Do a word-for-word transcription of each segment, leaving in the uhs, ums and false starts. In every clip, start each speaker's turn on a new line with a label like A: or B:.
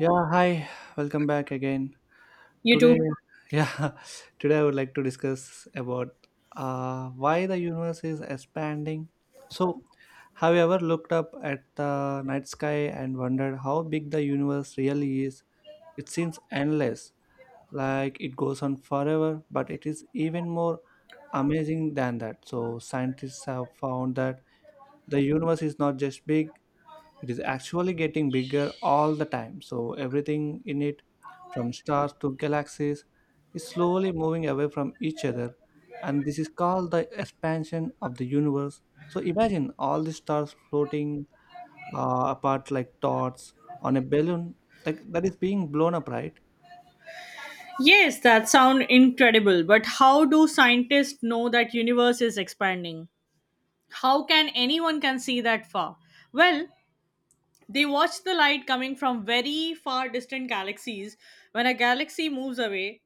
A: Yeah, hi. Welcome back again.
B: You
A: Today,
B: too.
A: yeah, today I would like to discuss about uh, why the universe is expanding. So, have you ever looked up at the night sky and wondered how big the universe really is? It seems endless, like it goes on forever, but it is even more amazing than that. So, scientists have found that the universe is not just big, it is actually getting bigger all the time. So everything in it, from stars to galaxies, is slowly moving away from each other, and this is called the expansion of the universe. So imagine all the stars floating uh, apart like dots on a balloon, like that is being blown up, right?
B: Yes, that sounds incredible, but how do scientists know that universe is expanding? How can anyone can see that far? Well, they watch the light coming from very far distant galaxies. When a galaxy moves away,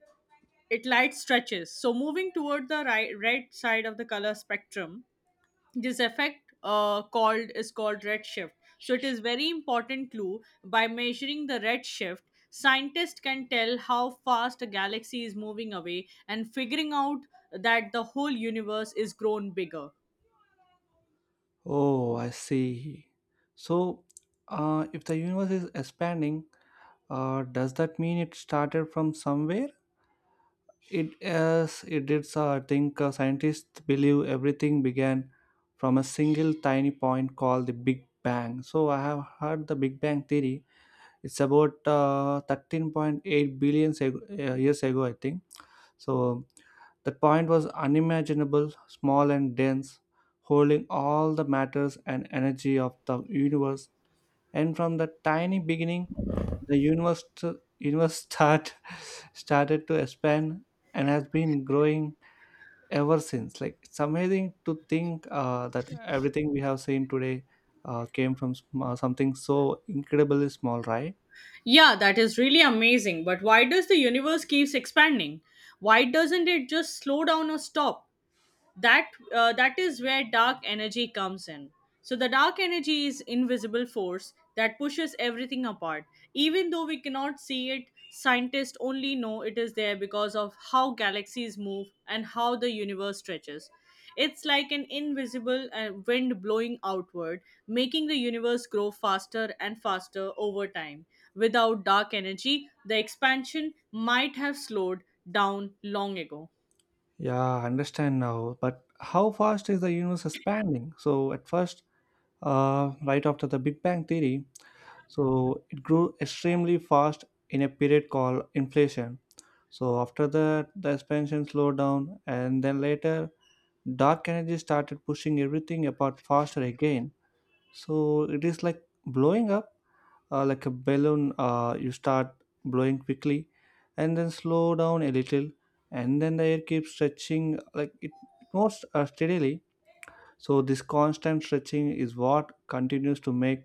B: its light stretches, so moving toward the right, red side of the color spectrum. This effect uh, called is called redshift, so it is very important clue. By measuring the redshift, scientists can tell how fast a galaxy is moving away and figuring out that the whole universe is grown bigger.
A: Oh, I see. So uh, if the universe is expanding, uh, does that mean it started from somewhere? It as it did, so I think uh, scientists believe everything began from a single tiny point called the Big Bang. So I have heard the Big Bang theory. It's about uh, thirteen point eight billion seg- uh, years ago, I think. So that point was unimaginable, small and dense, holding all the matters and energy of the universe. And from that tiny beginning, the universe, universe start, started to expand and has been growing ever since. Like, it's amazing to think uh, that everything we have seen today uh, came from sm- uh, something so incredibly small, right?
B: Yeah, that is really amazing, but why does the universe keeps expanding? Why doesn't it just slow down or stop? That uh, that is where dark energy comes in. So the dark energy is invisible force that pushes everything apart, even though we cannot see it. Scientists only know it is there because of how galaxies move and how the universe stretches. It's like an invisible uh, wind blowing outward, making the universe grow faster and faster over time. Without dark energy, the expansion might have slowed down long ago.
A: Yeah, I understand now. But how fast is the universe expanding? So at first, uh, right after the Big Bang theory, so it grew extremely fast in a period called inflation. So after that, the expansion slowed down, and then later, dark energy started pushing everything apart faster again. So it is like blowing up, uh, like a balloon. Uh, you start blowing quickly, and then slow down a little, and then the air keeps stretching, like it moves uh, steadily. So this constant stretching is what continues to make,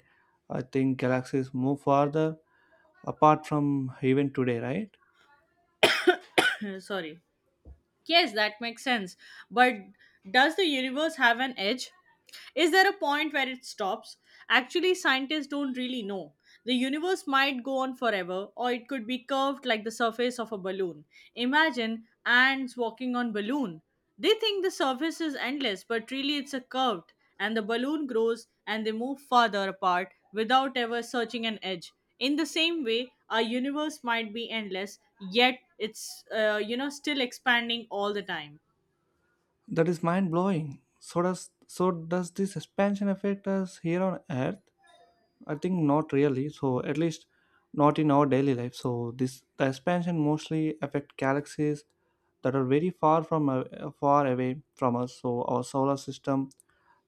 A: I think, galaxies move farther apart from even today, right?
B: Sorry. Yes, that makes sense. But does the universe have an edge? Is there a point where it stops? Actually, scientists don't really know. The universe might go on forever, or it could be curved like the surface of a balloon. Imagine ants walking on balloon. They think the surface is endless, but really it's a curved, and the balloon grows and they move farther apart without ever searching an edge. In the same way, our universe might be endless, yet it's uh, you know still expanding all the time.
A: That is mind blowing. So does, so does this expansion affect us here on Earth? I think not really. So at least not in our daily life. So this, the expansion mostly affect galaxies that are very far from uh, far away from us. So our solar system,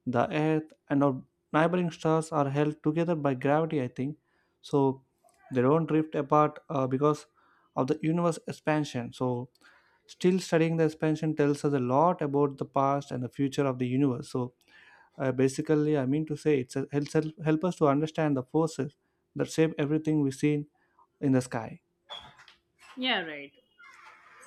A: the Earth, and our neighboring stars are held together by gravity, I think so. They don't drift apart uh, because of the universe expansion. So still, studying the expansion tells us a lot about the past and the future of the universe. So uh, basically, I mean to say, it's a, helps help us to understand the forces that shape everything we see in the sky.
B: Yeah, right.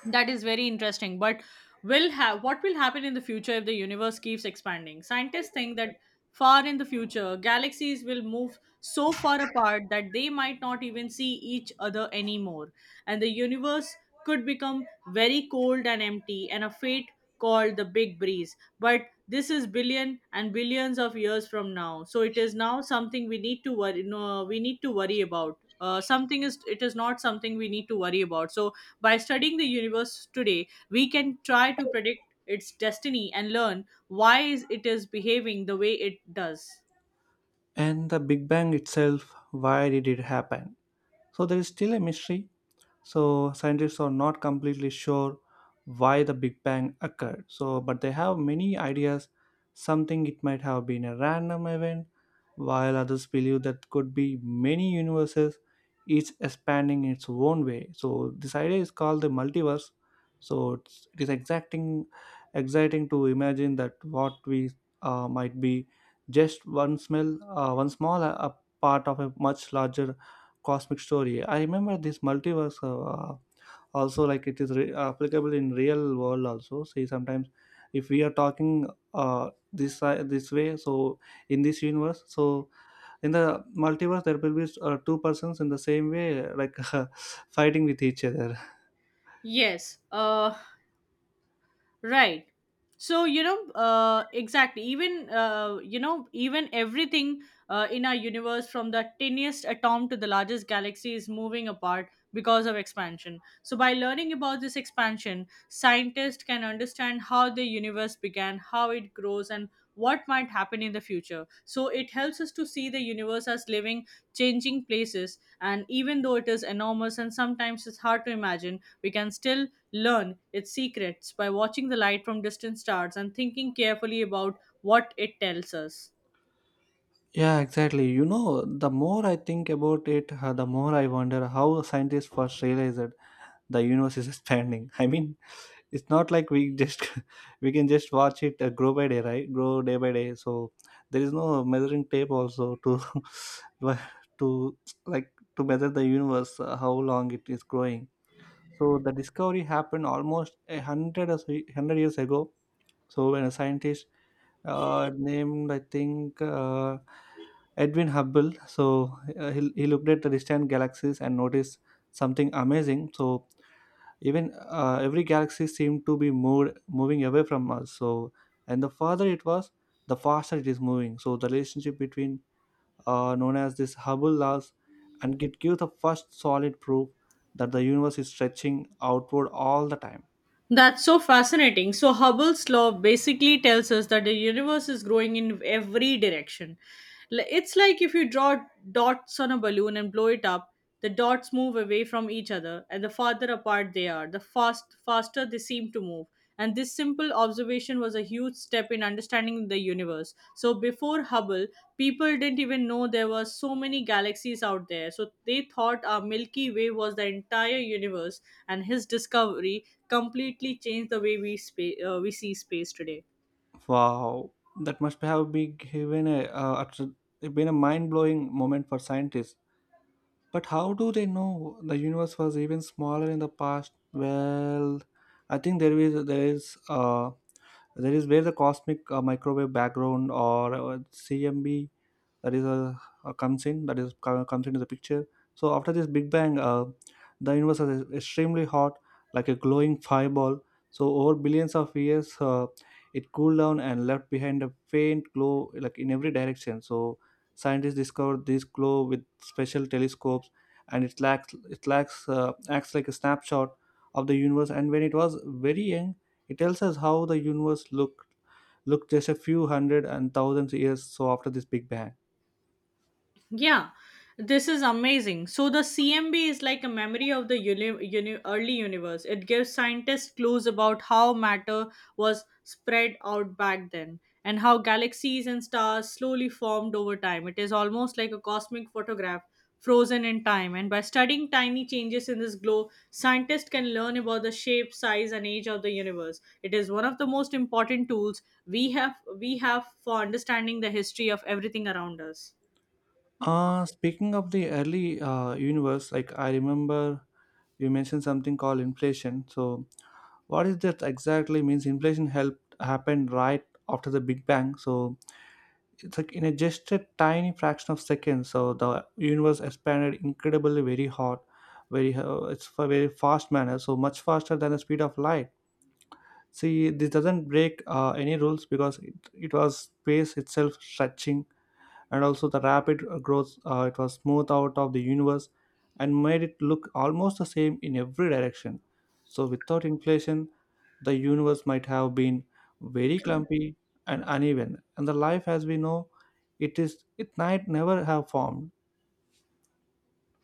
B: That is very interesting. But will have what will happen in the future if the universe keeps expanding? Scientists think that far in the future, galaxies will move so far apart that they might not even see each other anymore, and the universe could become very cold and empty, and a fate called the big breeze. But this is billion and billions of years from now, so it is now something we need to worry. No, we need to worry about uh, something. Is it is not something we need to worry about. So by studying the universe today, we can try to predict its destiny and learn why is it is behaving the way it does.
A: And the Big Bang itself, why did it happen? So there is still a mystery. So scientists are not completely sure why the big bang occurred, so but they have many ideas. Something, it might have been a random event, while others believe that could be many universes, each expanding in its own way. So this idea is called the multiverse. So it's, it is exacting, exciting to imagine that what we uh, might be just one smell, uh, one small, uh, part of a much larger cosmic story. I remember this multiverse uh, also, like it is re- applicable in real world also, see sometimes. If we are talking uh, this si- this way, so in this universe, so in the multiverse there will be uh, two persons in the same way, like fighting with each other.
B: Yes uh Right. So, you know, uh, exactly. Even, uh, you know, even everything uh, in our universe, from the tiniest atom to the largest galaxy, is moving apart because of expansion. So by learning about this expansion, scientists can understand how the universe began, how it grows, and what might happen in the future. So it helps us to see the universe as living, changing places. And even though it is enormous and sometimes it's hard to imagine, we can still learn its secrets by watching the light from distant stars and thinking carefully about what it tells us.
A: Yeah, exactly, you know, the more I think about it, uh, the more I wonder how scientists first realized the universe is expanding. I mean, it's not like we just we can just watch it uh, grow by day, right? Grow day by day. So there is no measuring tape also to to, like, to measure the universe, uh, how long it is growing. So the discovery happened almost a hundred, or so- hundred years ago. So when a scientist uh, named, I think, uh, Edwin Hubble, so uh, he, he looked at the distant galaxies and noticed something amazing. So even uh, every galaxy seemed to be moved moving away from us. So and the farther it was, the faster it is moving. So the relationship between, uh, known as this Hubble laws, and it gives the first solid proof that the universe is stretching outward all the time.
B: That's so fascinating. So, Hubble's law basically tells us that the universe is growing in every direction. L- It's like if you draw dots on a balloon and blow it up, the dots move away from each other, and the farther apart they are, the fast faster they seem to move. And this simple observation was a huge step in understanding the universe. So before Hubble, people didn't even know there were so many galaxies out there. So they thought our Milky Way was the entire universe, and his discovery completely changed the way we, spa- uh, we see space today.
A: Wow, that must have been given a uh, utr- been a mind-blowing moment for scientists. But how do they know the universe was even smaller in the past? Well, I think there is there is uh, that is where the cosmic uh, microwave background, or uh, C M B, that is a, a comes in, that is co- comes into the picture. So after this big bang, uh, the universe is extremely hot, like a glowing fireball. So over billions of years, uh, it cooled down and left behind a faint glow, like in every direction. So scientists discovered this glow with special telescopes, and it lacks it lacks, uh, acts like a snapshot of the universe, and when it was very young. It tells us how the universe looked looked just a few hundred and thousands years, so after this big bang.
B: Yeah, this is amazing. So the C M B is like a memory of the uni- uni- early universe. It gives scientists clues about how matter was spread out back then and how galaxies and stars slowly formed over time. It is almost like a cosmic photograph frozen in time. And by studying tiny changes in this glow, scientists can learn about the shape, size, and age of the universe. It is one of the most important tools we have we have for understanding the history of everything around us.
A: Uh, speaking of the early uh, universe, like I remember you mentioned something called inflation. So what is that exactly? Means inflation helped happened right after the Big Bang. So, it's like in a just a tiny fraction of seconds. So the universe expanded incredibly, very hot, very uh, it's for very fast manner. So much faster than the speed of light. See, this doesn't break uh, any rules because it, it was space itself stretching. And also the rapid uh, growth, uh, it was smoothed out of the universe and made it look almost the same in every direction. So without inflation, the universe might have been very clumpy and uneven, and the life as we know it is, it might never have formed.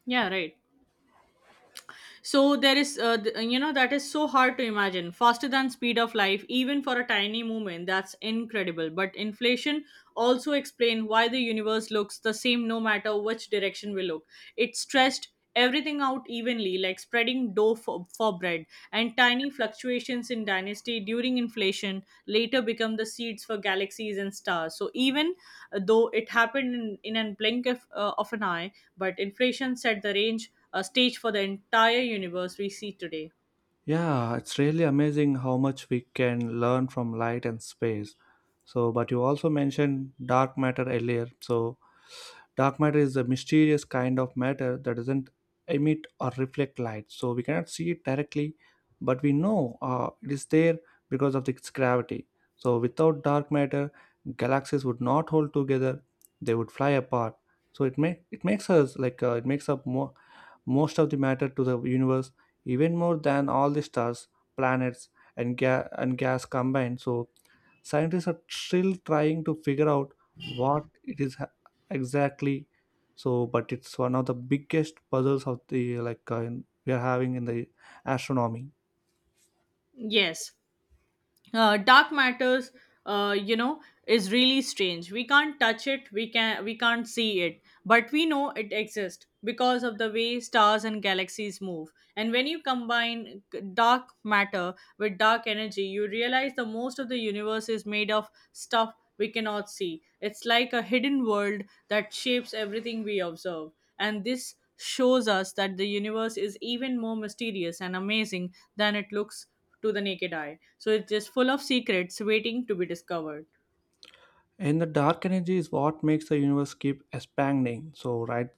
B: Yeah, right. So there is uh, th- you know that is so hard to imagine faster than speed of life even for a tiny movement. That's incredible. But inflation also explain why the universe looks the same no matter which direction we look. It stressed everything out evenly, like spreading dough for, for bread. And tiny fluctuations in dynasty during inflation later become the seeds for galaxies and stars. So even uh, though it happened in, in a blink of, uh, of an eye, but inflation set the range a stage for the entire universe we see today.
A: Yeah, it's really amazing how much we can learn from light and space. So but you also mentioned dark matter earlier. So dark matter is a mysterious kind of matter that doesn't emit or reflect light, so we cannot see it directly, but we know uh, it is there because of its gravity. So without dark matter, galaxies would not hold together, they would fly apart. So it may, it makes us, like, uh, it makes up more, most of the matter to the universe, even more than all the stars, planets, and, ga- and gas combined. So scientists are still trying to figure out what it is exactly. So but it's one of the biggest puzzles of the, like, uh, in, we are having in the astronomy.
B: Yes, uh, dark matters uh, you know is really strange. We can't touch it, we can we can't see it, but we know it exists because of the way stars and galaxies move. And when you combine g- dark matter with dark energy, you realize the most of the universe is made of stuff we cannot see. It's like a hidden world that shapes everything we observe. And this shows us that the universe is even more mysterious and amazing than it looks to the naked eye. So it's just full of secrets waiting to be discovered.
A: And the dark energy is what makes the universe keep expanding, so right.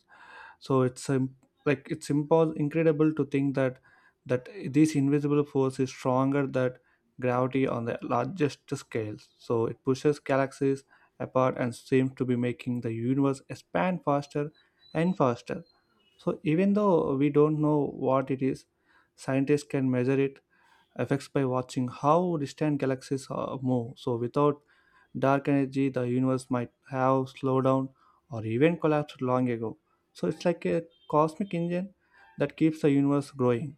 A: So it's, um, like, it's impos- incredible to think that that this invisible force is stronger than gravity on the largest scales. So it pushes galaxies apart and seems to be making the universe expand faster and faster. So even though we don't know what it is, scientists can measure it effects by watching how distant galaxies uh, move. So without dark energy, the universe might have slowed down or even collapsed long ago. So it's like a cosmic engine that keeps the universe growing.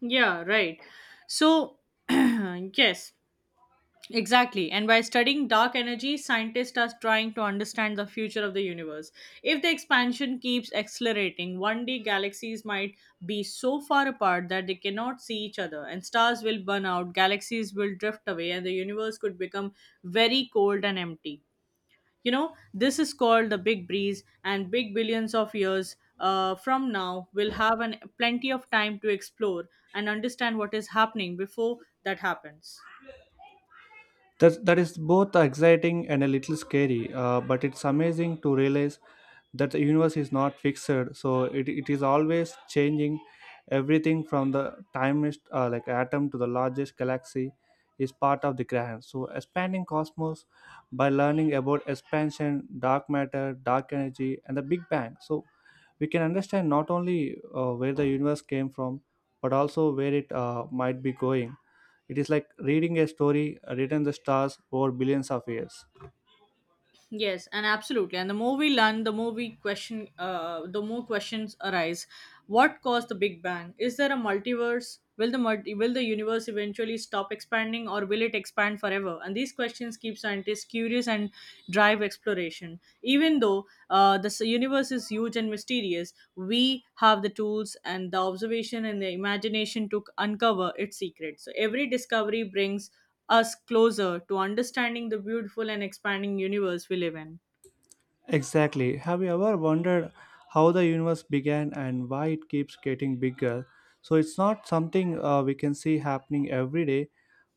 B: Yeah, right. So, yes, exactly. And by studying dark energy, scientists are trying to understand the future of the universe. If the expansion keeps accelerating, one day galaxies might be so far apart that they cannot see each other, and stars will burn out, galaxies will drift away, and the universe could become very cold and empty. You know, this is called the big breeze, and big billions of years uh, from now, we'll have an, plenty of time to explore and understand what is happening before that happens.
A: That, that is both exciting and a little scary, uh, but it's amazing to realize that the universe is not fixed, so it, it is always changing. Everything from the tiniest, uh, like, atom to the largest galaxy is part of the grand, so expanding cosmos. By learning about expansion, dark matter, dark energy, and the big bang, so we can understand not only uh, where the universe came from, but also where it uh, might be going. It is like reading a story uh, written in the stars over billions of years.
B: Yes, and absolutely. And the more we learn, the more we question, uh, the more questions arise. What caused the Big Bang? Is there a multiverse? Will the multi- will the universe eventually stop expanding, or will it expand forever? And these questions keep scientists curious and drive exploration. Even though uh, the s- universe is huge and mysterious, we have the tools and the observation and the imagination to c- uncover its secrets. So every discovery brings us closer to understanding the beautiful and expanding universe we live in.
A: Exactly. Have you ever wondered how the universe began and why it keeps getting bigger? So it's not something uh, we can see happening every day,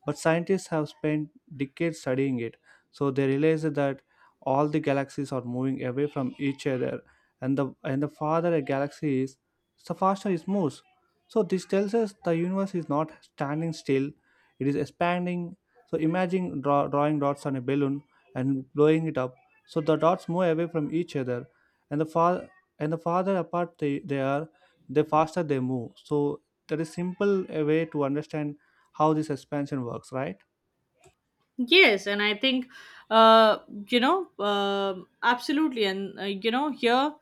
A: but scientists have spent decades studying it, so they realize that all the galaxies are moving away from each other, and the and the farther a galaxy is, the faster it moves. So this tells us the universe is not standing still; it is expanding. So imagine draw, drawing dots on a balloon and blowing it up. So the dots move away from each other, and the far and the farther apart they, they are, the faster they move. So that is simple a way to understand how this expansion works, right?
B: Yes, and I think, uh, you know, um absolutely. And, uh, you know, here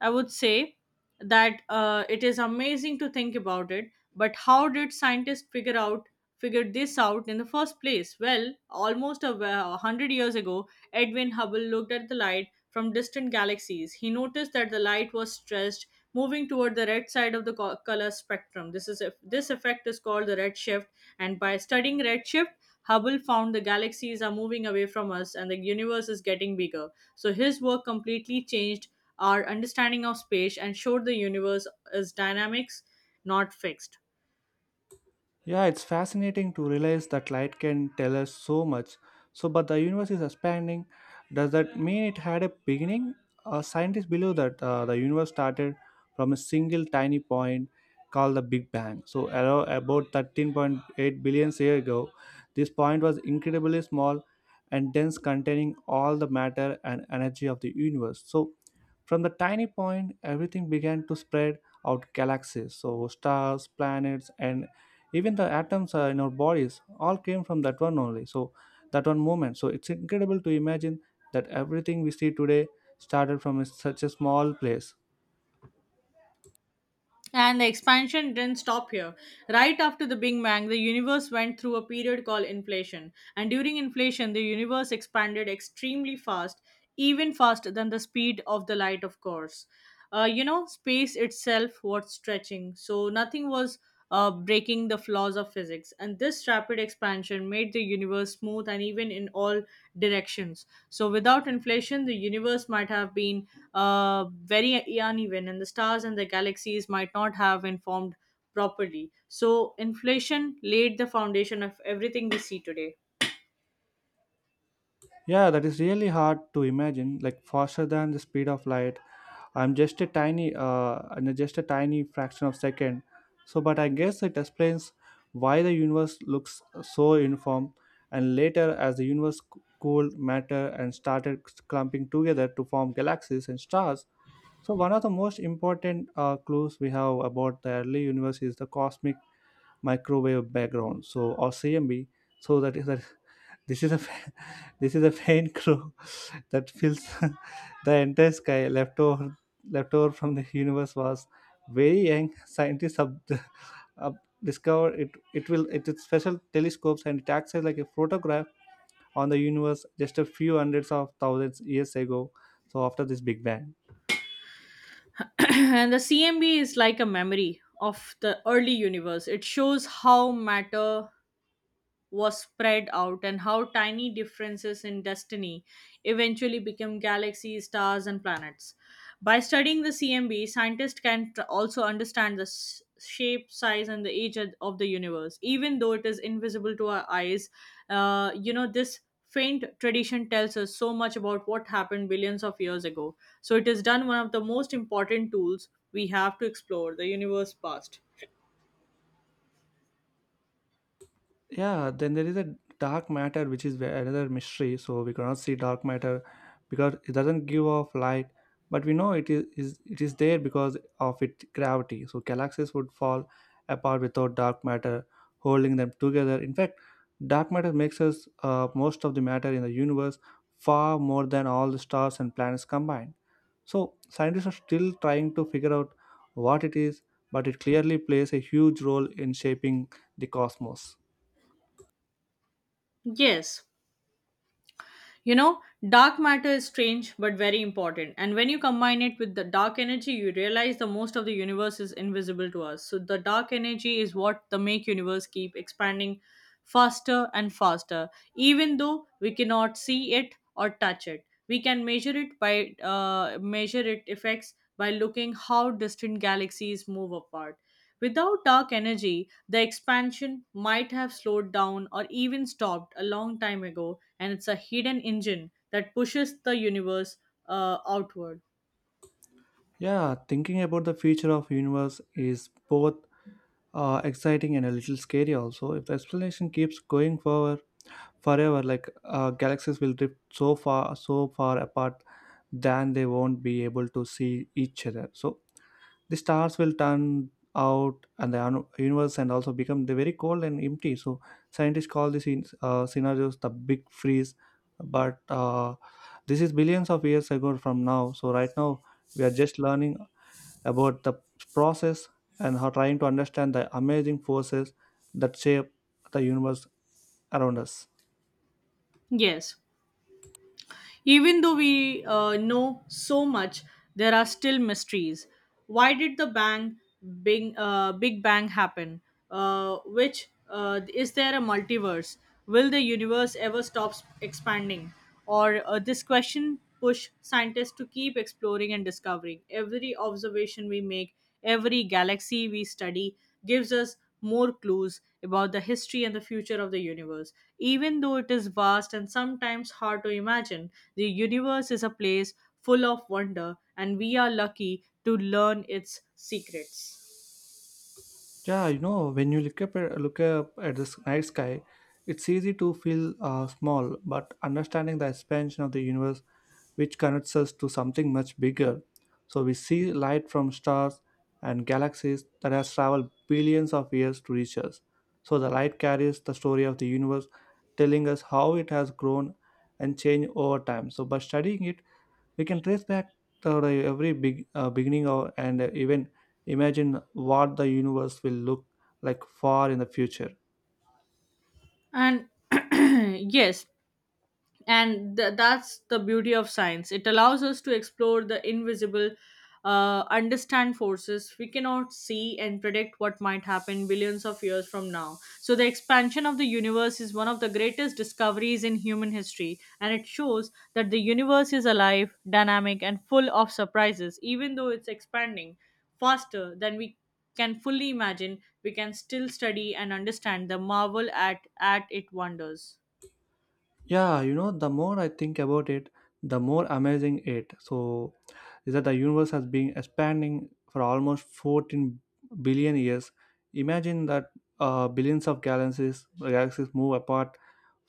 B: I would say that uh, it is amazing to think about it. But how did scientists figure out figure this out in the first place? Well, almost a a hundred years ago, Edwin Hubble looked at the light from distant galaxies. He noticed that the light was stretched, moving toward the red side of the co- color spectrum. This is this effect is called the redshift, and by studying redshift, Hubble found the galaxies are moving away from us and the universe is getting bigger. So his work completely changed our understanding of space and showed the universe is dynamics, not fixed.
A: Yeah, it's fascinating to realize that light can tell us so much. So, but the universe is expanding. Does that mean it had a beginning? Uh, scientists believe that uh, the universe started from a single tiny point called the Big Bang. So, aro- about thirteen point eight billion years ago, this point was incredibly small and dense, containing all the matter and energy of the universe. So, from the tiny point, everything began to spread out galaxies. So, stars, planets, and even the atoms uh, in our bodies all came from that one only, so that one moment, so it's incredible to imagine that everything we see today started from a- such a small place.
B: And the expansion didn't stop here. Right after the Big Bang, the universe went through a period called inflation. And during inflation, the universe expanded extremely fast, even faster than the speed of the light, of course. Uh, you know, space itself was stretching, so nothing was uh, breaking the flaws of physics. And this rapid expansion made the universe smooth and even in all directions. So without inflation, the universe might have been uh, very uneven, and the stars and the galaxies might not have been formed properly. So inflation laid the foundation of everything we see today.
A: Yeah, that is really hard to imagine, like faster than the speed of light. i'm just a tiny uh I just a tiny fraction of second. So, but I guess it explains why the universe looks so uniform, and later, as the universe c- cooled, matter and started clumping together to form galaxies and stars. So one of the most important uh, clues we have about the early universe is the cosmic microwave background, so, or C M B. So that is that, this is a fa- this is a faint clue that fills the entire sky. Leftover leftover from the universe was very young. Scientists have up discover it. It will it is special telescopes, and it acts as like a photograph on the universe just a few hundreds of thousands years ago. So after this Big Bang.
B: And the C M B is like a memory of the early universe. It shows how matter was spread out and how tiny differences in destiny eventually became galaxies, stars, and planets. By studying the C M B, scientists can tr- also understand the s- shape, size, and the age of of the universe. Even though it is invisible to our eyes, uh, you know, this faint tradition tells us so much about what happened billions of years ago. So it is done one of the most important tools we have to explore the universe past.
A: Yeah, then there is a dark matter, which is where another mystery, so we cannot see dark matter because it doesn't give off light, but we know it is, is it is there because of its gravity, so galaxies would fall apart without dark matter holding them together. In fact, dark matter makes us uh, most of the matter in the universe, far more than all the stars and planets combined. So scientists are still trying to figure out what it is, but it clearly plays a huge role in shaping the cosmos.
B: Yes, you know, dark matter is strange but very important. And when you combine it with the dark energy, you realize the most of the universe is invisible to us. So the dark energy is what the make universe keep expanding faster and faster. Even though we cannot see it or touch it, we can measure it by uh, measure it effects by looking how distant galaxies move apart. Without dark energy, the expansion might have slowed down or even stopped a long time ago, and it's a hidden engine that pushes the universe uh, outward.
A: Yeah, thinking about the future of universe is both uh, exciting and a little scary also. If the explanation keeps going forward forever, like uh, galaxies will drift so far, so far apart, then they won't be able to see each other. So the stars will turn out, and the un- universe and also become the very cold and empty. So scientists call these in- uh, scenarios the big freeze. But uh, this is billions of years ago from now. So right now we are just learning about the process and are trying to understand the amazing forces that shape the universe around us.
B: Yes, even though we uh, know so much, there are still mysteries. Why did the bang, big, uh, big bang happen? Uh, which uh, Is there a multiverse? Will the universe ever stop s- expanding? Or uh, this question push scientists to keep exploring and discovering. Every observation we make, every galaxy we study, gives us more clues about the history and the future of the universe. Even though it is vast and sometimes hard to imagine, the universe is a place full of wonder, and we are lucky to learn its secrets.
A: Yeah, you know, when you look up at, look up at this night sky, it's easy to feel uh, small, but understanding the expansion of the universe, which connects us to something much bigger. So we see light from stars and galaxies that has traveled billions of years to reach us. So the light carries the story of the universe, telling us how it has grown and changed over time. So by studying it, we can trace back to the every big uh, beginning of, and even imagine what the universe will look like far in the future.
B: And yes, and th- that's the beauty of science. It allows us to explore the invisible, uh, understand forces we cannot see, and predict what might happen billions of years from now. So the expansion of the universe is one of the greatest discoveries in human history, and it shows that the universe is alive, dynamic, and full of surprises. Even though it's expanding faster than we can fully imagine, we can still study and understand the marvel at at it wonders.
A: Yeah, you know, the more I think about it, the more amazing it. So, is that the universe has been expanding for almost fourteen billion years. Imagine that uh, billions of galaxies, galaxies move apart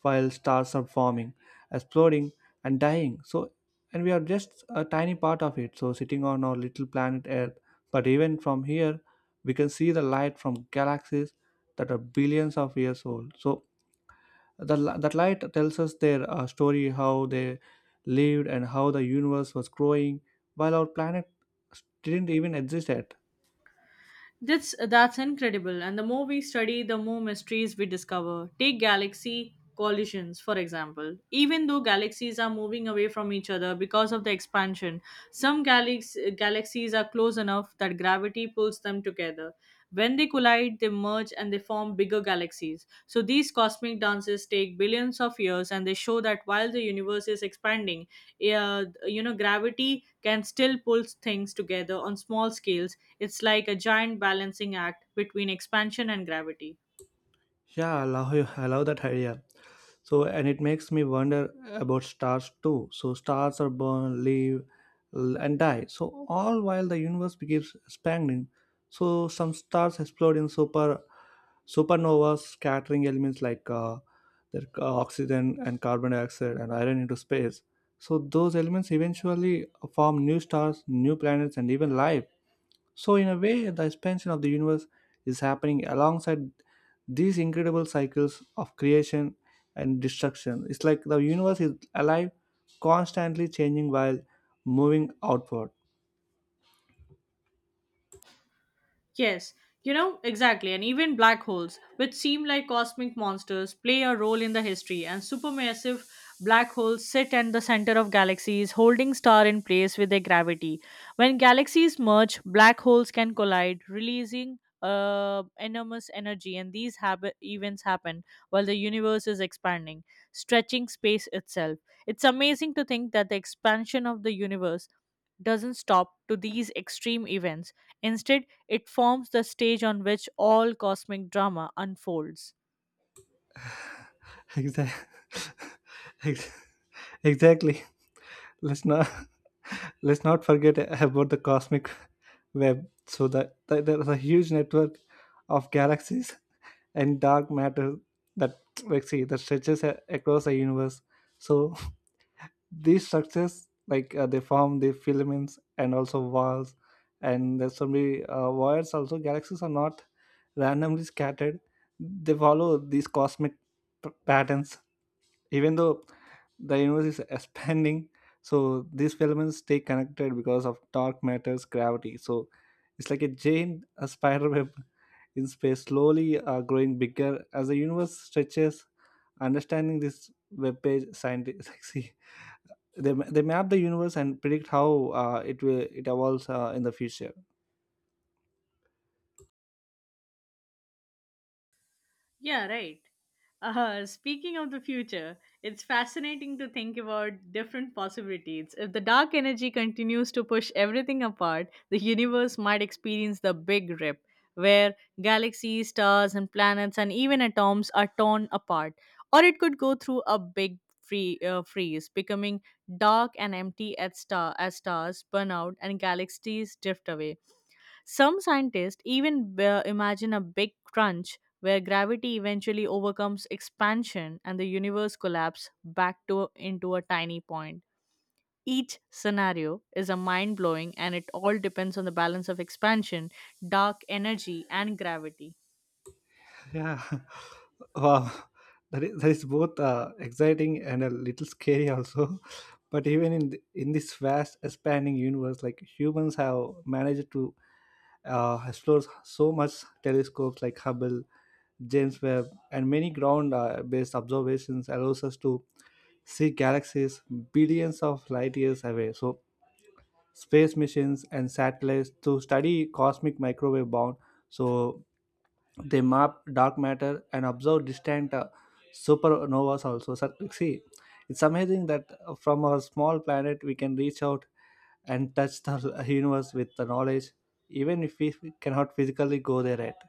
A: while stars are forming, exploding, and dying. So, and we are just a tiny part of it. So, sitting on our little planet Earth, but even from here, we can see the light from galaxies that are billions of years old. So, the, li- that light tells us their uh, story, how they lived, and how the universe was growing, while our planet didn't even exist yet.
B: That's that's incredible. And the more we study, the more mysteries we discover. Take galaxy collisions, for example. Even though galaxies are moving away from each other because of the expansion, some galax- galaxies are close enough that gravity pulls them together. When they collide, they merge and they form bigger galaxies. So these cosmic dances take billions of years, and they show that while the universe is expanding, eh, uh, you know, gravity can still pull things together on small scales. It's like a giant balancing act between expansion and gravity.
A: Yeah, I love, I love that idea. So, and it makes me wonder about stars too. So, stars are born, live, l- and die. So, all while the universe keeps expanding. So, some stars explode in super supernovas, scattering elements like uh, their c- oxygen and carbon dioxide and iron into space. So, those elements eventually form new stars, new planets, and even life. So, in a way, the expansion of the universe is happening alongside these incredible cycles of creation and destruction. It's like the universe is alive, constantly changing while moving outward.
B: Yes, you know, exactly. And even black holes, which seem like cosmic monsters, play a role in the history. And supermassive black holes sit at the center of galaxies, holding star in place with their gravity. When galaxies merge, black holes can collide, releasing uh, enormous energy. And these hab- events happen while the universe is expanding, stretching space itself. It's amazing to think that the expansion of the universe doesn't stop to these extreme events. Instead, it forms the stage on which all cosmic drama unfolds.
A: Exactly. Exactly. Let's not let's not forget about the cosmic web. So that the, there's a huge network of galaxies and dark matter that let's see that stretches a- across the universe. So these structures, like uh, they form the filaments and also walls, and there's so many uh, wires. Also galaxies are not randomly scattered, they follow these cosmic p- patterns, even though the universe is expanding. So these filaments stay connected because of dark matter's gravity, so it's like a giant, a spider web in space, slowly uh, growing bigger as the universe stretches. Understanding this web page, scientists they, they map the universe and predict how uh, it will it evolves uh, in the future.
B: Yeah, right. Uh, speaking of the future, it's fascinating to think about different possibilities. If the dark energy continues to push everything apart, the universe might experience the big rip, where galaxies, stars, and planets, and even atoms are torn apart. Or it could go through a big free, uh, freeze, becoming dark and empty at star as stars burn out and galaxies drift away. Some scientists even uh, imagine a big crunch where gravity eventually overcomes expansion and the universe collapses back to into a tiny point. Each scenario is a mind blowing, and it all depends on the balance of expansion, dark energy, and gravity.
A: Yeah, wow, that is, that is both uh, exciting and a little scary also. But even in th- in this vast expanding universe, like humans have managed to uh, explore so much. Telescopes like Hubble, James Webb, and many ground uh, based observations allows us to see galaxies billions of light years away. So space missions and satellites to study cosmic microwave bound. So they map dark matter and observe distant uh, supernovas also. So, see, it's amazing that uh, from our small planet we can reach out and touch the universe with the knowledge, even if we cannot physically go there yet.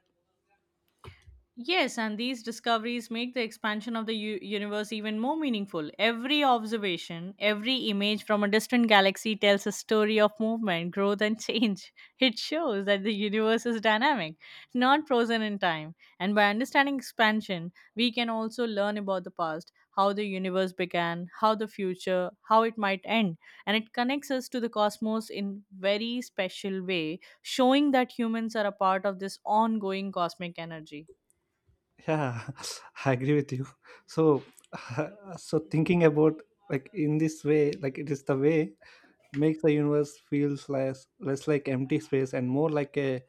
B: Yes, and these discoveries make the expansion of the u- universe even more meaningful. Every observation, every image from a distant galaxy tells a story of movement, growth, and change. It shows that the universe is dynamic, not frozen in time. And by understanding expansion, we can also learn about the past, how the universe began, how the future, how it might end. And it connects us to the cosmos in very special way, showing that humans are a part of this ongoing cosmic energy.
A: Yeah, I agree with you. So, so thinking about, like, in this way, like it is the way, makes the universe feels less less like empty space and more like a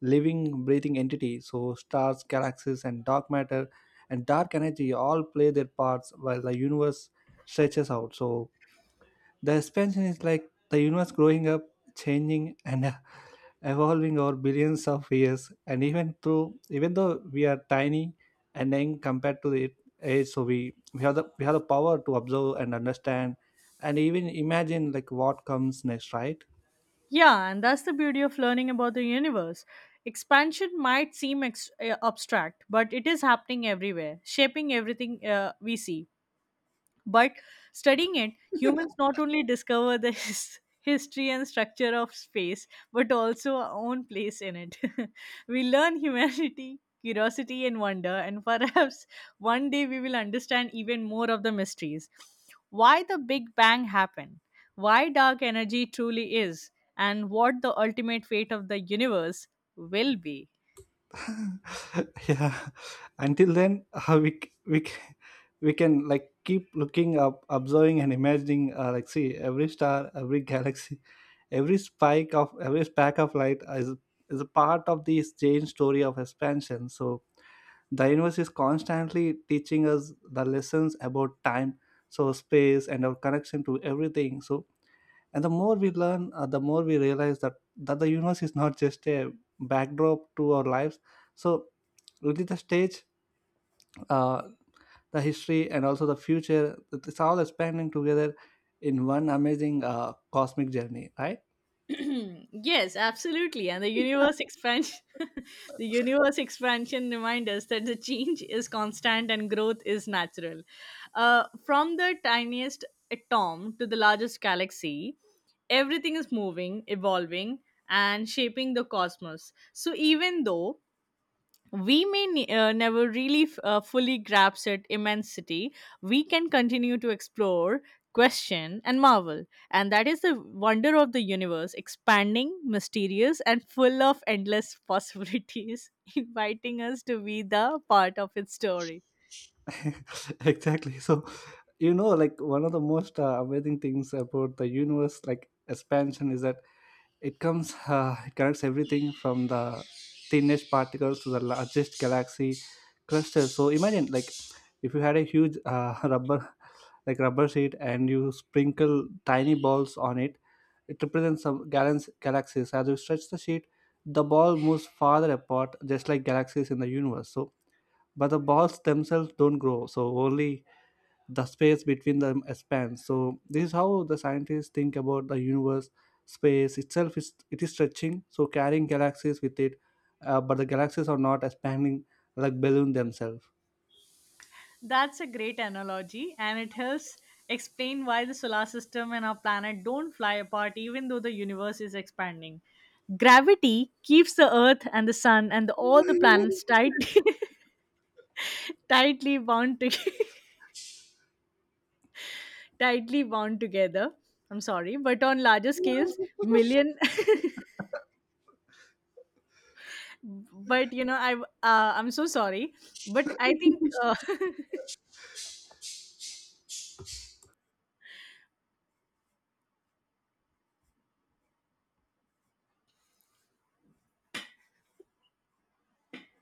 A: living breathing entity. So stars, galaxies, and dark matter and dark energy all play their parts while the universe stretches out. So the expansion is like the universe growing up, changing and evolving over billions of years. And even through even though we are tiny and young compared to the age, so we we have the we have the power to observe and understand and even imagine, like, what comes next, right?
B: Yeah, and that's the beauty of learning about the universe. Expansion might seem ex- uh, abstract, but it is happening everywhere, shaping everything uh, we see. But studying it, humans not only discover the his- history and structure of space, but also our own place in it. We learn humanity, curiosity, and wonder, and perhaps one day we will understand even more of the mysteries. Why the Big Bang happened, why dark energy truly is, and what the ultimate fate of the universe will be.
A: Yeah, until then, uh, we c- we c- we can, like, keep looking up, observing and imagining, uh, like, see every star, every galaxy, every spike of every speck of light is is a part of this change story of expansion. So the universe is constantly teaching us the lessons about time, so space and our connection to everything. So and the more we learn, uh, the more we realize that that the universe is not just a backdrop to our lives, so really the stage, uh, the history and also the future, it's all expanding together in one amazing uh, cosmic journey, right?
B: Yes, absolutely. And the universe expansion the universe expansion reminds us that the change is constant and growth is natural. Uh, from the tiniest atom to the largest galaxy, everything is moving, evolving, and shaping the cosmos. So even though we may ne- uh, never really f- uh, fully grasp its immensity, we can continue to explore, question, and marvel. And that is the wonder of the universe, expanding, mysterious, and full of endless possibilities, inviting us to be the part of its story.
A: Exactly. So, you know like one of the most uh, amazing things about the universe, like expansion, is that It comes, uh, it connects everything from the thinnest particles to the largest galaxy clusters. So imagine, like, if you had a huge uh, rubber, like rubber sheet, and you sprinkle tiny balls on it, it represents some galax- galaxies. As you stretch the sheet, the ball moves farther apart, just like galaxies in the universe. So, but the balls themselves don't grow. So only the space between them expands. So this is how the scientists think about the universe. Space itself is it is stretching, so carrying galaxies with it, uh, but the galaxies are not expanding like balloon themselves.
B: That's a great analogy, and it helps explain why the solar system and our planet don't fly apart even though the universe is expanding. Gravity keeps the earth and the sun and the- all the planets tight, tightly bound to, tightly bound together. I'm sorry, but on larger scales, million. But you know, I uh, I'm so sorry, but I think uh,